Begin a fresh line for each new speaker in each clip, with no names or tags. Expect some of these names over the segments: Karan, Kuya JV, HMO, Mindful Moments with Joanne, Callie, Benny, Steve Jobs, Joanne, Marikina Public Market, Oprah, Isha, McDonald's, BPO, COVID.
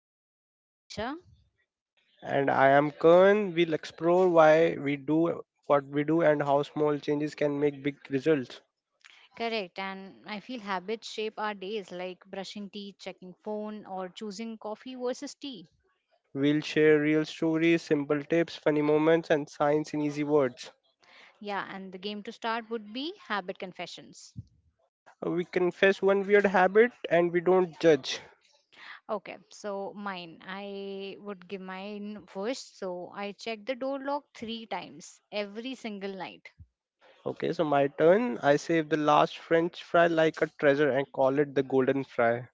of Habits. I'm Isha.
And I am Karan. We'll explore why we do what we do and how small changes can make big results.
Correct. And I feel habits shape our days like brushing teeth, checking phone, or choosing coffee versus tea.
We'll share real stories, simple tips, funny moments, and science in easy words.
Yeah. And the game to start would be habit confessions.
We confess one weird habit and we don't judge.
Okay, so mine. I would give mine first. So, I check the door lock three times every single night.
Okay, so my turn. I save the last French fry like a treasure and call it the golden fry.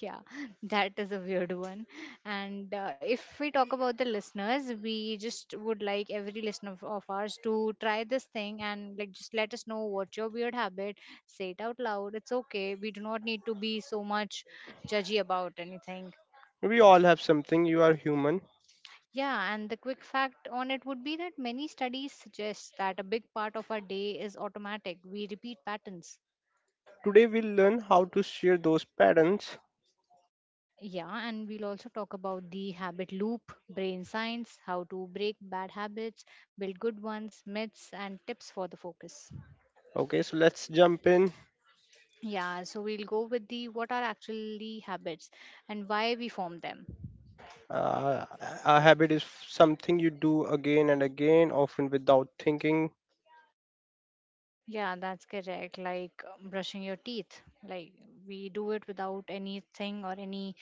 Yeah. That is a weird one. And if we talk about the listeners, we just would like every listener of ours to try this thing, and like just let us know what's your weird habit. Say it out loud. It's okay, we do not need to be so much judgy about anything.
We all have something, you are human.
Yeah, and the quick fact on it would be that many studies suggest that a big part of our day is automatic. We repeat patterns.
Today we'll learn how to share those patterns.
Yeah, and we'll also talk about the habit loop, brain science, how to break bad habits, build good ones, myths, and tips for the focus.
Okay, so let's jump in.
Yeah, so we'll go with the what are actually habits and why we form them.
Uh, a habit is something you do again and again, often without thinking.
Yeah, that's correct. Like brushing your teeth. Like we do it without anything or any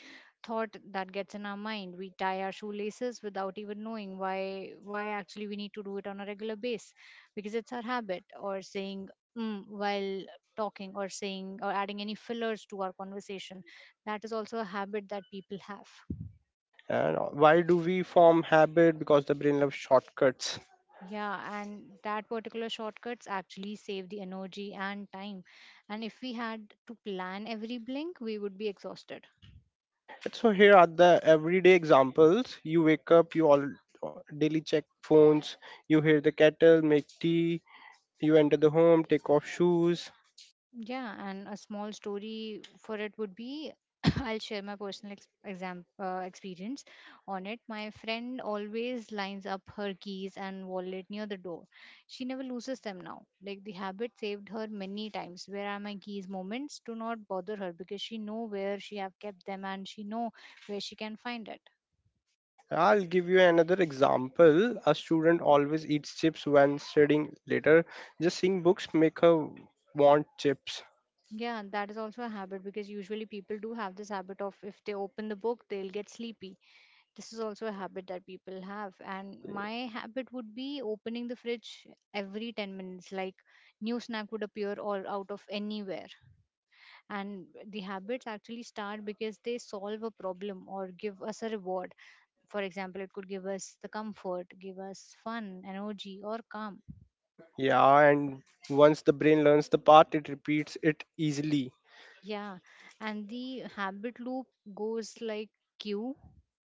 thought that gets in our mind. We tie our shoelaces without even knowing why actually we need to do it on a regular base, because it's our habit. Or saying mm, while talking, or saying or adding any fillers to our conversation. That is also a habit that people have.
And why do we form habit? Because the brain loves shortcuts.
Yeah, and that particular shortcuts actually save the energy and time. And if we had to plan every blink, we would be exhausted.
So here are the everyday examples. You wake up, you all daily check phones, you hear the kettle, make tea, you enter the home, take off shoes.
Yeah, and a small story for it would be, I'll share my personal ex- exam experience on it. My friend always lines up her keys and wallet near the door. She never loses them now. Like the habit saved her many times. Where are my keys? Moments do not bother her, because she know where she have kept them and she know where she can find it.
I'll give you another example. A student always eats chips when studying later. Just seeing books make her want chips.
Yeah, that is also a habit, because usually people do have this habit of if they open the book, they'll get sleepy. This is also a habit that people have. And my habit would be opening the fridge every 10 minutes, like new snack would appear all out of anywhere. And the habits actually start because they solve a problem or give us a reward. For example, it could give us the comfort, give us fun, energy, or calm.
Yeah, and once the brain learns the part, it repeats it easily.
Yeah, and the habit loop goes like cue,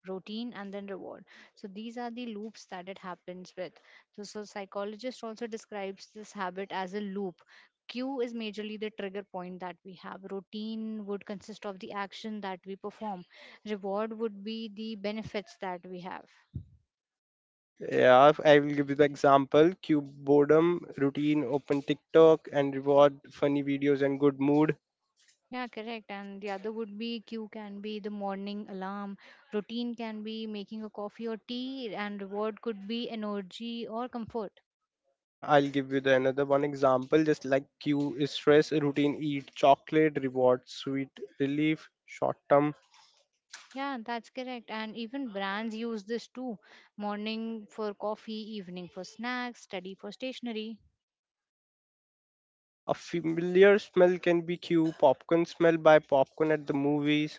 routine, and then reward. So these are the loops that it happens with. So psychologist also describes this habit as a loop. Cue is majorly the trigger point that we have. Routine would consist of the action that we perform. Reward would be the benefits that we have.
Yeah, if I will give you the example cube boredom, routine, open TikTok, and reward funny videos and good mood.
Yeah, correct. And the other would be Q can be the morning alarm, routine can be making a coffee or tea, and reward could be energy or comfort.
I'll give you the another one example just like Q is stress, routine, eat chocolate, reward, sweet relief, short term.
Yeah, that's correct. And even brands use this too, morning for coffee, evening for snacks, study for stationery.
A familiar smell can be Q, popcorn smell by popcorn at the movies.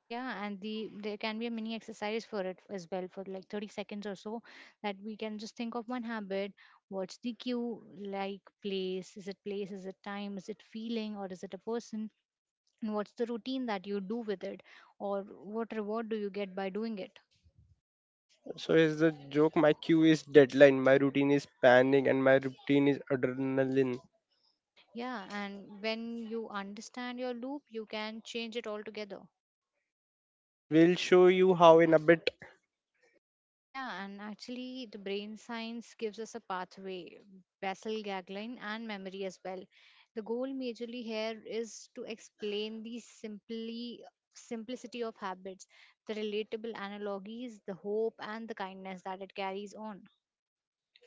Yeah, and there can be a mini exercise for it as well for like 30 seconds or so, that we can just think of one habit. What's the cue, like place? Is it place? Is it time? Is it feeling? Or is it a person? And what's the routine that you do with it, or what reward do you get by doing it?
So here's the joke, my Q is deadline, my routine is panic, and my routine is adrenaline.
Yeah, and when you understand your loop, you can change it altogether.
We'll show you how in a bit.
Yeah, and actually the brain science gives us a pathway, basal gagline and memory as well. The goal majorly here is to explain the simply simplicity of habits, the relatable analogies, the hope and the kindness that it carries on.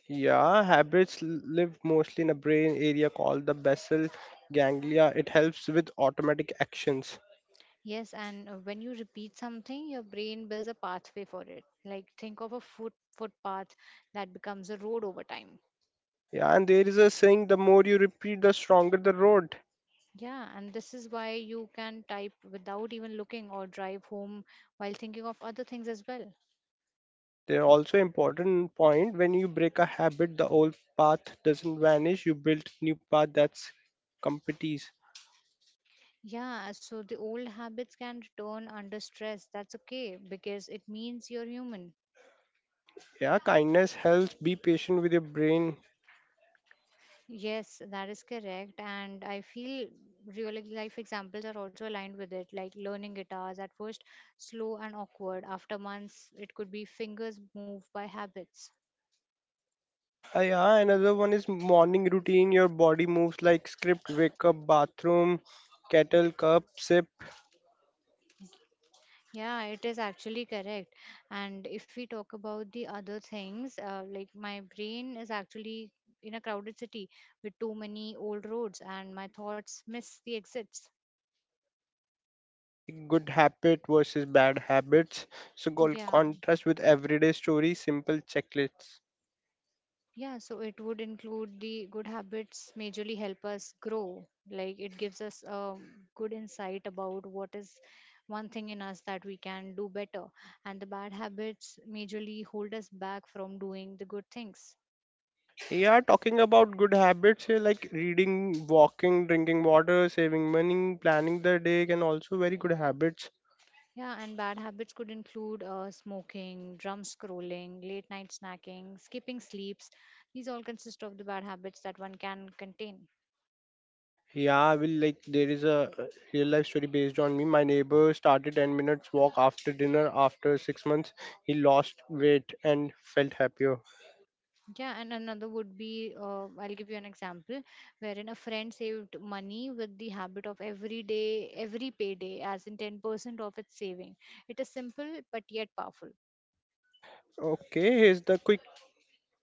Yeah, habits live mostly in a brain area called the basal ganglia. It helps with automatic actions.
Yes, and when you repeat something, your brain builds a pathway for it. Like think of a footpath that becomes a road over time.
Yeah, and there is a saying, the more you repeat, the stronger the road.
Yeah, and this is why you can type without even looking or drive home while thinking of other things as well.
There are also important point, when you break a habit, the old path doesn't vanish. You build new path that's competence.
Yeah, so the old habits can return under stress. That's okay because it means you're human.
Yeah, kindness helps. Be patient with your brain.
Yes, that is correct. And I feel real life examples are also aligned with it, like learning guitars at first, slow and awkward. After months, it could be fingers move by habits.
Yeah, another one is morning routine. Your body moves like script, wake up, bathroom, kettle, cup, sip.
Yeah, it is actually correct. And if we talk about the other things, like my brain is actually in a crowded city with too many old roads, and my thoughts miss the exits.
Okay, good habit versus bad habits. So go
Yeah,
contrast with everyday story, simple checklists.
yeah, so it would include the good habits majorly help us grow. Like it gives us a good insight about what is one thing in us that we can do better. And the bad habits majorly hold us back from doing the good things.
Yeah, talking about good habits here, like reading, walking, drinking water, saving money, planning the day, can also very good habits.
Yeah, and bad habits could include smoking, drum scrolling, late night snacking, skipping sleeps. These all consist of the bad habits that one can contain.
Yeah, I will like there is a real life story based on me. My neighbor started 10 minutes walk after dinner. After 6 months, he lost weight and felt happier.
Yeah, and another would be I'll give you an example wherein a friend saved money with the habit of every day, every payday, as in 10% of its saving. It is simple but yet powerful.
Okay, here's the quick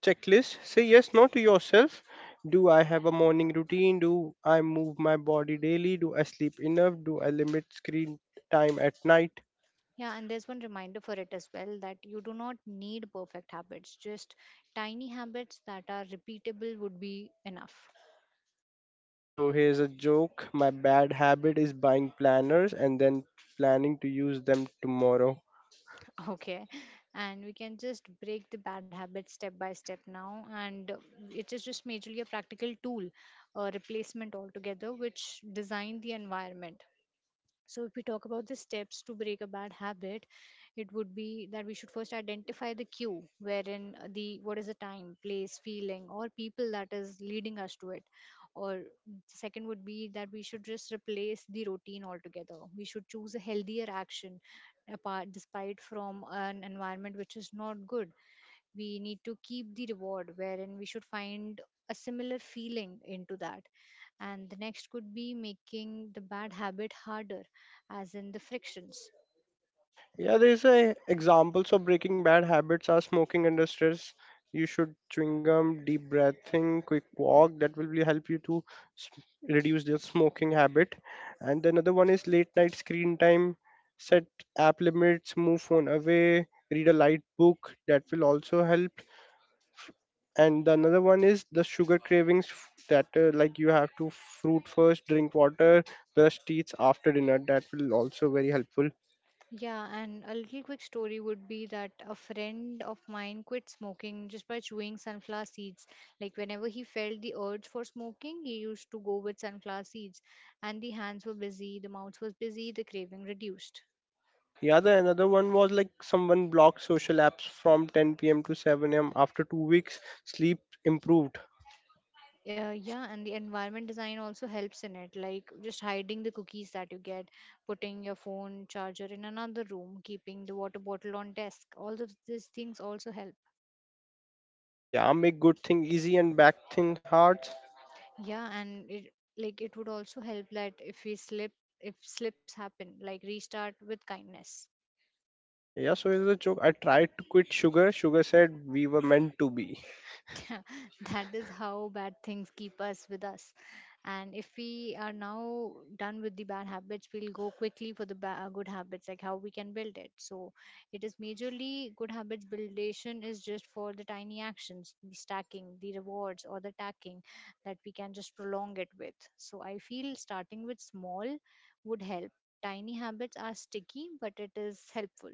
checklist. Say yes, no to yourself. Do I have a morning routine? Do I move my body daily? Do I sleep enough? Do I limit screen time at night?
Yeah, and there's one reminder for it as well, that you do not need perfect habits, just tiny habits that are repeatable would be enough.
So here's a joke. My bad habit is buying planners and then planning to use them tomorrow.
Okay. And we can just break the bad habits step by step now. And it is just majorly a practical tool, a replacement altogether, which design the environment. So, if we talk about the steps to break a bad habit, it would be that we should first identify the cue, wherein the what is the time, place, feeling, or people that is leading us to it. Or second would be that we should just replace the routine altogether. We should choose a healthier action, apart despite from an environment which is not good. We need to keep the reward, wherein we should find a similar feeling into that. And the next could be making the bad habit harder, as in the frictions.
Yeah, there's a examples of breaking bad habits are smoking under stress. You should chewing gum, deep breathing, quick walk. That will really help you to s- reduce your smoking habit. And the another one is late night screen time. Set app limits, move phone away, read a light book. That will also help. And the another one is the sugar cravings that like you have to fruit first, drink water, brush teeth after dinner. That will also very helpful.
Yeah, and a little quick story would be that a friend of mine quit smoking just by chewing sunflower seeds. Like whenever he felt the urge for smoking, he used to go with sunflower seeds, and the hands were busy, the mouth was busy, the craving reduced.
Yeah, the another one was like someone blocked social apps from 10 p.m. to 7 a.m. After 2 weeks, sleep improved.
Yeah, yeah, and the environment design also helps in it, like just hiding the cookies that you get, putting your phone charger in another room, keeping the water bottle on desk. All of these things also help.
Yeah, make good thing easy and back thing hard.
Yeah, and it like it would also help that if slips happen, like restart with kindness.
Yeah, so it's a joke. I tried to quit sugar. Sugar said we were meant to be.
That is how bad things keep us with us. And if we are now done with the bad habits, we'll go quickly for the good habits, like how we can build it. So it is majorly good habits buildation is just for the tiny actions, the stacking, the rewards, or the tacking that we can just prolong it with. So I feel starting with small would help. Tiny habits are sticky, but it is helpful.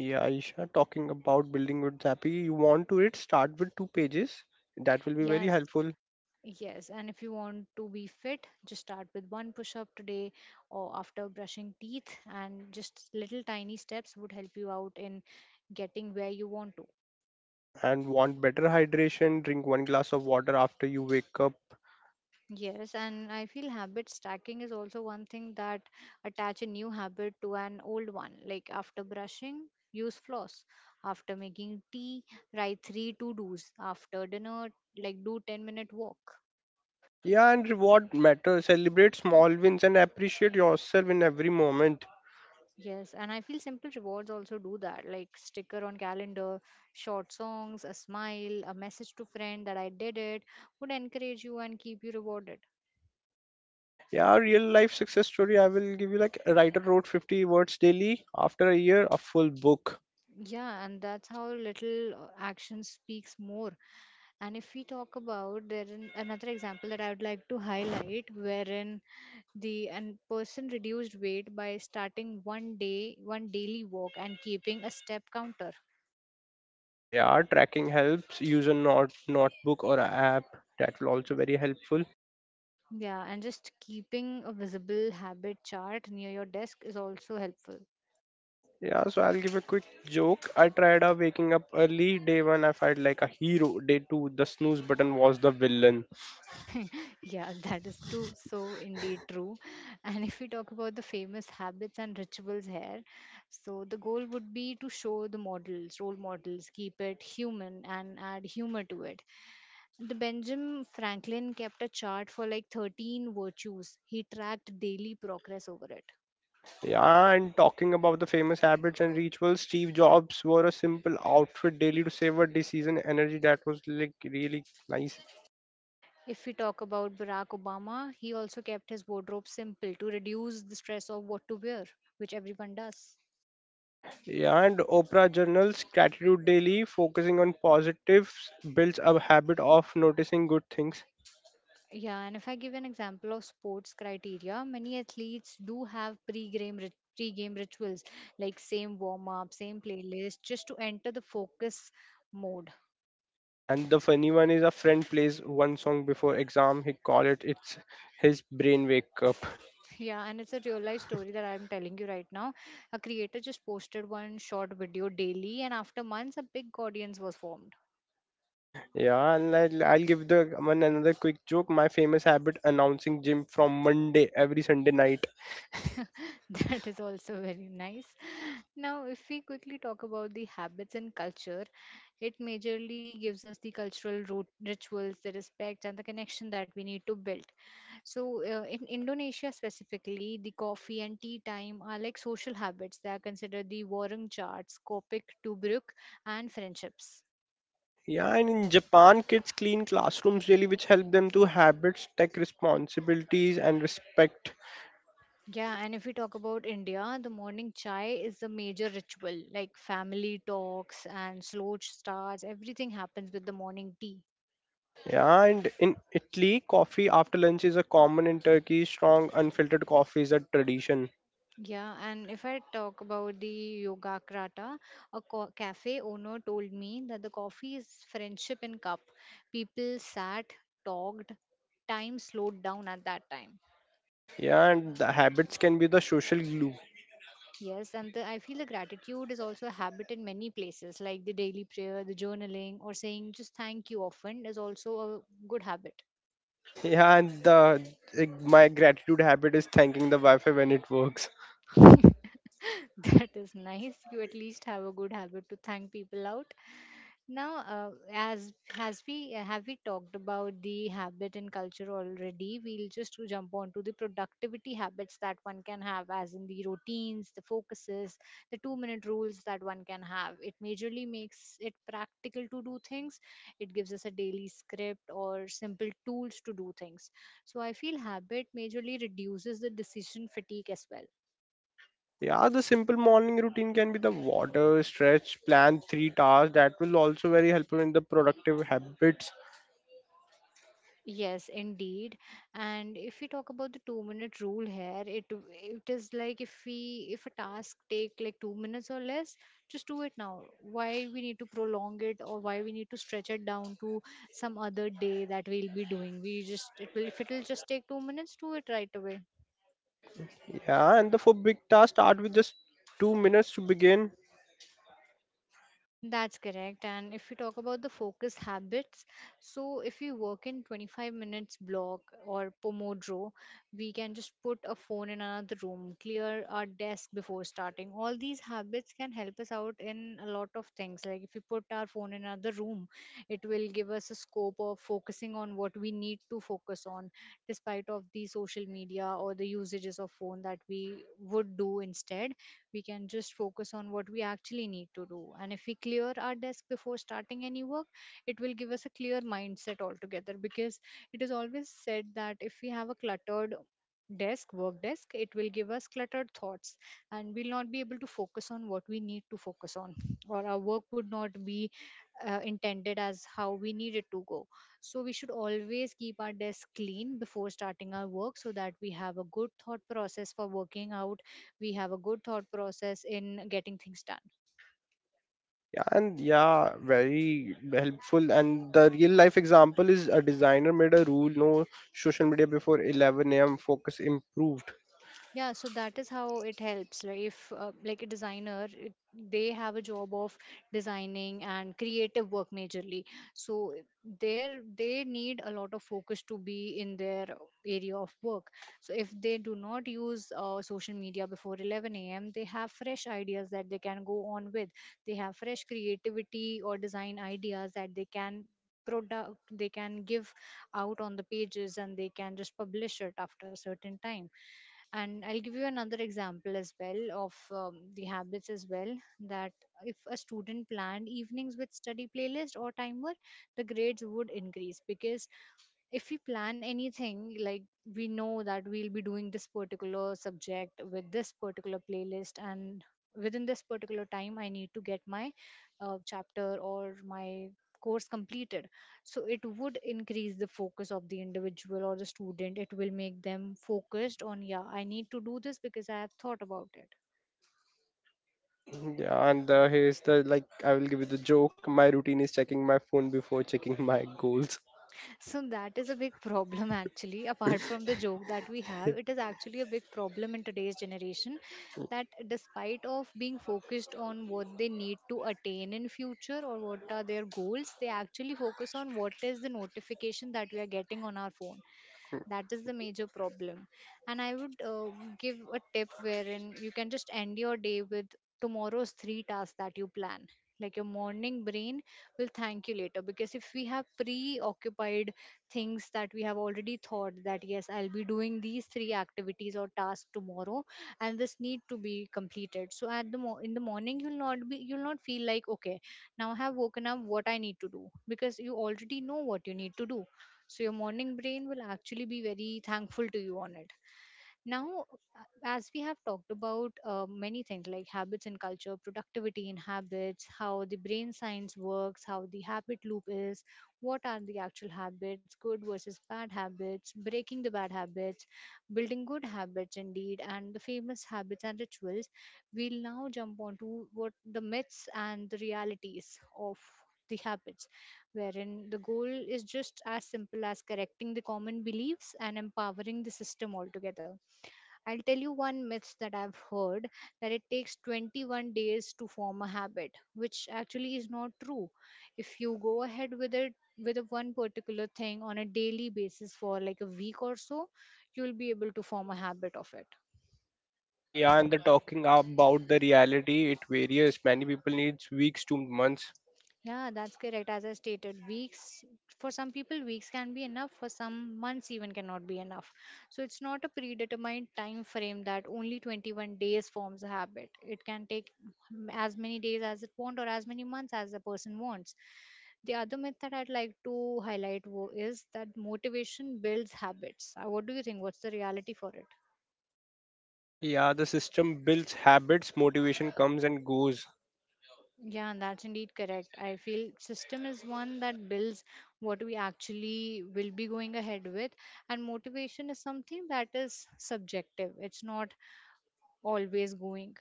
Yeah, Aisha, talking about building with happy. You want to it? Start with two pages. That will be very
Yes.
helpful.
Yes, and if you want to be fit, just start with one push up today or after brushing teeth, and just little tiny steps would help you out in getting where you want to.
And want better hydration? Drink one glass of water after you wake up.
Yes, and I feel habit stacking is also one thing that attach a new habit to an old one. Like after brushing, use floss. After making tea, write three to dos. After dinner, like do 10-minute walk.
Yeah, and reward matters. Celebrate small wins and appreciate yourself in every moment.
Yes, and I feel simple rewards also do that, like sticker on calendar, short songs, a smile, a message to friend that I did it would encourage you and keep you rewarded.
Yeah, real life success story, I will give you like a writer wrote 50 words daily. After a year, a full book.
Yeah, and that's how little action speaks more. And if we talk about there in another example that I would like to highlight, wherein the and person reduced weight by starting one daily walk and keeping a step counter.
Yeah, tracking helps, use a not notebook or a app. That will also very helpful.
Yeah, and just keeping a visible habit chart near your desk is also helpful.
Yeah, so I'll give a quick joke. I tried out waking up early, day one I felt like a hero, day two the snooze button was the villain.
Yeah, that is too so indeed true. And if we talk about the famous habits and rituals here, so the goal would be to show the models, role models, keep it human and add humor to it. The Benjamin Franklin kept a chart for like 13 virtues. He tracked daily progress over it.
Yeah, and talking about the famous habits and rituals, Steve Jobs wore a simple outfit daily to savor the season energy. That was like really nice.
If we talk about Barack Obama, he also kept his wardrobe simple to reduce the stress of what to wear, which everyone does.
Yeah, and Oprah Journal's Gratitude Daily, focusing on positives, builds a habit of noticing good things.
Yeah, and if I give an example of sports criteria, many athletes do have pre-game rituals, like same warm-up, same playlist, just to enter the focus mode.
And the funny one is a friend plays one song before exam. He call it it's his brain wake up.
Yeah, and it's a real-life story that I'm telling you right now. A creator just posted one short video daily, and after months, a big audience was formed.
Yeah, and I'll give the one another quick joke. My famous habit announcing gym from Monday every Sunday night.
That is also very nice. Now, if we quickly talk about the habits and culture, it majorly gives us the cultural root rituals, the respect, and the connection that we need to build. So, in Indonesia specifically, the coffee and tea time are like social habits. They are considered the warung charts, Kopik, Tubruk, and friendships.
Yeah, and in Japan, kids clean classrooms daily, which help them to habits, take responsibilities, and respect.
Yeah, and if we talk about India, the morning chai is the major ritual, like family talks and slow starts. Everything happens with the morning tea.
Yeah, and in Italy, coffee after lunch is a common, in Turkey, strong, unfiltered coffee is a tradition.
Yeah, and if I talk about the yoga krata, a cafe owner told me that the coffee is friendship in cup. People sat, talked, time slowed down at that time.
Yeah, and the habits can be the social glue.
Yes, and I feel the gratitude is also a habit in many places, like the daily prayer, the journaling, or saying just thank you often is also a good habit.
Yeah, and the like, my gratitude habit is thanking the Wi-Fi when it works.
That is nice. You at least have a good habit to thank people out. Now, as has we have we talked about the habit and culture already, we'll just to jump on to the productivity habits that one can have, as in the routines, the focuses, the two-minute rules that one can have. It majorly makes it practical to do things. It gives us a daily script or simple tools to do things. So I feel habit majorly reduces the decision fatigue as well.
Yeah, the simple morning routine can be the water stretch, plan three tasks. That will also very helpful in the productive habits.
Yes, indeed. And if we talk about the 2-minute rule here, it is like if a task take like 2 minutes or less, just do it now. Why we need to prolong it or why we need to stretch it down to some other day that we'll be doing. We just it will if it'll just take 2 minutes, do it right away.
Yeah, and the for big tasks, start with just 2 minutes to begin.
That's correct. And if we talk about the focus habits, so if we work in 25 minutes block or Pomodoro, we can just put a phone in another room, clear our desk before starting. All these habits can help us out in a lot of things. Like if we put our phone in another room, it will give us a scope of focusing on what we need to focus on, despite of the social media or the usages of phone that we would do instead, we can just focus on what we actually need to do. And if we clear our desk before starting any work, it will give us a clear mindset altogether, because it is always said that if we have a cluttered desk work desk it will give us cluttered thoughts, and we'll not be able to focus on what we need to focus on, or our work would not be intended as how we need it to go. So we should always keep our desk clean before starting our work, so that we have a good thought process for working out. We have a good thought process in getting things done.
Yeah, and yeah, very helpful. And the real life example is a designer made a rule: no social media before 11 a.m. Focus improved.
Yeah, so that is how it helps. Like if like a designer, they have a job of designing and creative work majorly. So there they need a lot of focus to be in their area of work. So if they do not use social media before 11 a.m. they have fresh ideas that they can go on with. They have fresh creativity or design ideas that they can give out on the pages, and they can just publish it after a certain time. And I'll give you another example as well of the habits as well, that if a student planned evenings with study playlist or timer, the grades would increase. Because if we plan anything, like we know that we'll be doing this particular subject with this particular playlist, and within this particular time I need to get my chapter or my course completed, so it would increase the focus of the individual or the student. It will make them focused on, yeah, I need to do this because I have thought about it.
Yeah, and here's the like I will give you the joke. My routine is checking my phone before checking my goals.
So that is a big problem actually. Apart from the joke that we have, it is actually a big problem in today's generation that despite of being focused on what they need to attain in future or what are their goals, they actually focus on what is the notification that we are getting on our phone. That is the major problem. And I would give a tip wherein you can just end your day with tomorrow's three tasks that you plan. Like your morning brain will thank you later, because if we have preoccupied things that we have already thought, that yes, I'll be doing these three activities or tasks tomorrow, and this need to be completed, so in the morning you'll not feel like, okay, now I have woken up, what I need to do, because you already know what you need to do. So your morning brain will actually be very thankful to you on it. Now, as we have talked about many things like habits and culture, productivity in habits, how the brain science works, how the habit loop is, what are the actual habits, good versus bad habits, breaking the bad habits, building good habits indeed, and the famous habits and rituals, we'll now jump on to what the myths and the realities of the habits, wherein the goal is just as simple as correcting the common beliefs and empowering the system altogether. I'll tell you one myth that I've heard, that it takes 21 days to form a habit, which actually is not true. If you go ahead with it with a one particular thing on a daily basis for like a week or so, you'll be able to form a habit of it.
Yeah, and the talking about the reality, it varies. Many people needs weeks to months.
Yeah, that's correct. As I stated, weeks for some people, weeks can be enough. For some, months even cannot be enough. So it's not a predetermined time frame that only 21 days forms a habit. It can take as many days as it wants or as many months as the person wants. The other myth that I'd like to highlight is that motivation builds habits. What do you think? What's the reality for it?
Yeah, the system builds habits. Motivation comes and goes.
Yeah, that's indeed correct. I feel system is one that builds what we actually will be going ahead with, and motivation is something that is subjective. It's not always going.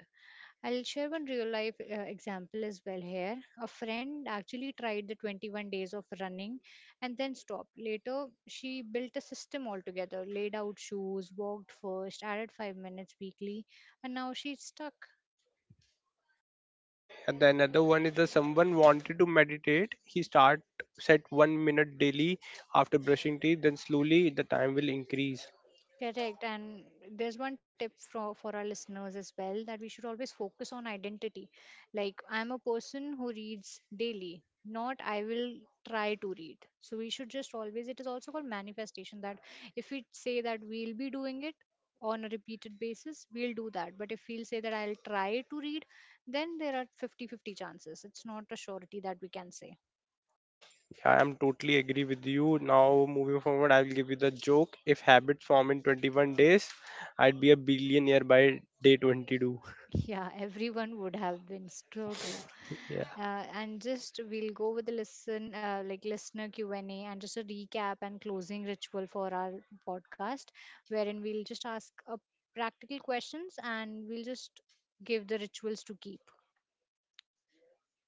I'll share one real life example as well here. A friend actually tried the 21 days of running and then stopped. Later, she built a system altogether, laid out shoes, walked first, added 5 minutes weekly, and now she's stuck.
And the another one is the someone wanted to meditate, he start set 1 minute daily after brushing teeth, then slowly the time will increase.
Correct. And there's one tip for our listeners as well, that we should always focus on identity. Like, I'm a person who reads daily, not I will try to read. So, we should just always, it is also called manifestation, that if we say that we'll be doing it on a repeated basis, we'll do that. But if we'll say that I'll try to read, then there are 50 50 chances. It's not a surety that we can say.
I am totally agree with you. Now moving forward I will give you the joke, if habit form in 21 days, I'd be a billionaire by day 22.
Yeah, everyone would have been so true.
Yeah.
And just we'll go with the like listener Q&A, and just a recap and closing ritual for our podcast, wherein we'll just ask practical questions, and we'll just give the rituals to keep.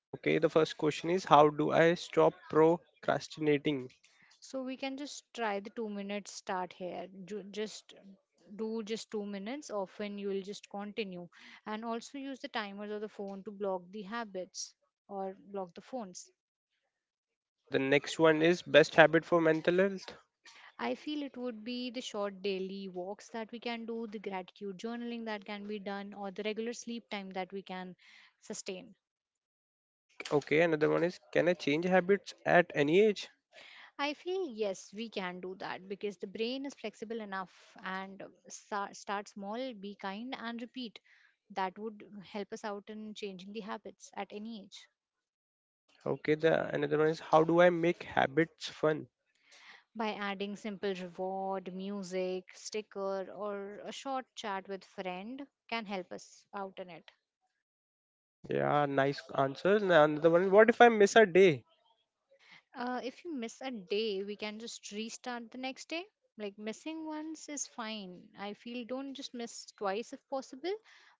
Okay, the first question is how do I stop procrastinating.
So we can just try the 2 minutes start here. Just do just 2 minutes. Often you will just continue, and also use the timers or the phone to block the habits or block the phones.
Yeah, the next one is best habit for mental health.
I feel it would be the short daily walks that we can do, the gratitude journaling that can be done, or the regular sleep time that we can sustain.
Okay, another one is can I change habits at any age.
I feel yes, we can do that because the brain is flexible enough, and start small, be kind, and repeat. That would help us out in changing the habits at any age.
Okay, the another one is how do I make habits fun?
By adding simple reward, music, sticker, or a short chat with friend can help us out in it.
Yeah, nice answers. Now another one is, what if I miss a day?
If you miss a day, we can just restart the next day. Like missing once is fine. I feel don't just miss twice if possible,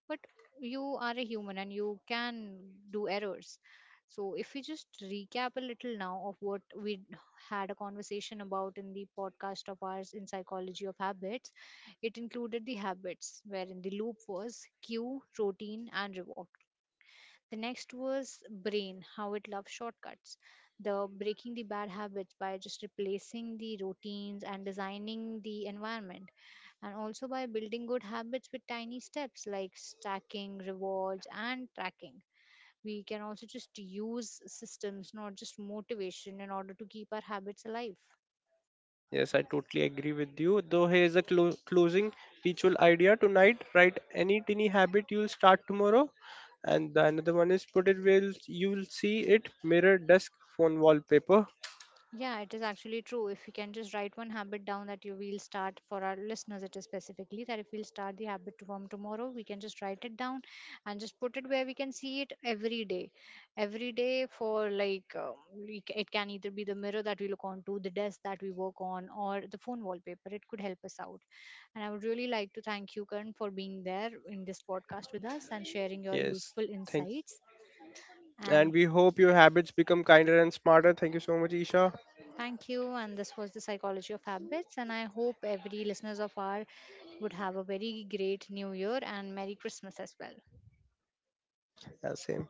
but you are a human and you can do errors. So if we just recap a little now of what we had a conversation about in the podcast of ours in psychology of habits, it included the habits wherein the loop was cue, routine, and reward. The next was brain, how it loves shortcuts. The breaking the bad habits by just replacing the routines and designing the environment, and also by building good habits with tiny steps like stacking, rewards, and tracking. We can also just use systems, not just motivation, in order to keep our habits alive.
Yes, I totally agree with you. Though here's a closing ritual idea tonight. Write any tiny habit you'll start tomorrow, and the another one is put it where you'll see it, mirror, desk, phone wallpaper.
Yeah, it is actually true. If we can just write one habit down that you will start for our listeners, it is specifically that if we'll start the habit from tomorrow, we can just write it down and just put it where we can see it every day. Every day for like, it can either be the mirror that we look onto, the desk that we work on, or the phone wallpaper. It could help us out. And I would really like to thank you, Karan, for being there in this podcast with us and sharing your
Yes,
useful
thank.
insights.
And
And
we hope your habits become kinder and smarter. Thank you so much, Isha.
thank you. And this was the psychology of habits. And I hope every listeners of our would have a very great New Year and Merry Christmas as well.
Yeah, same.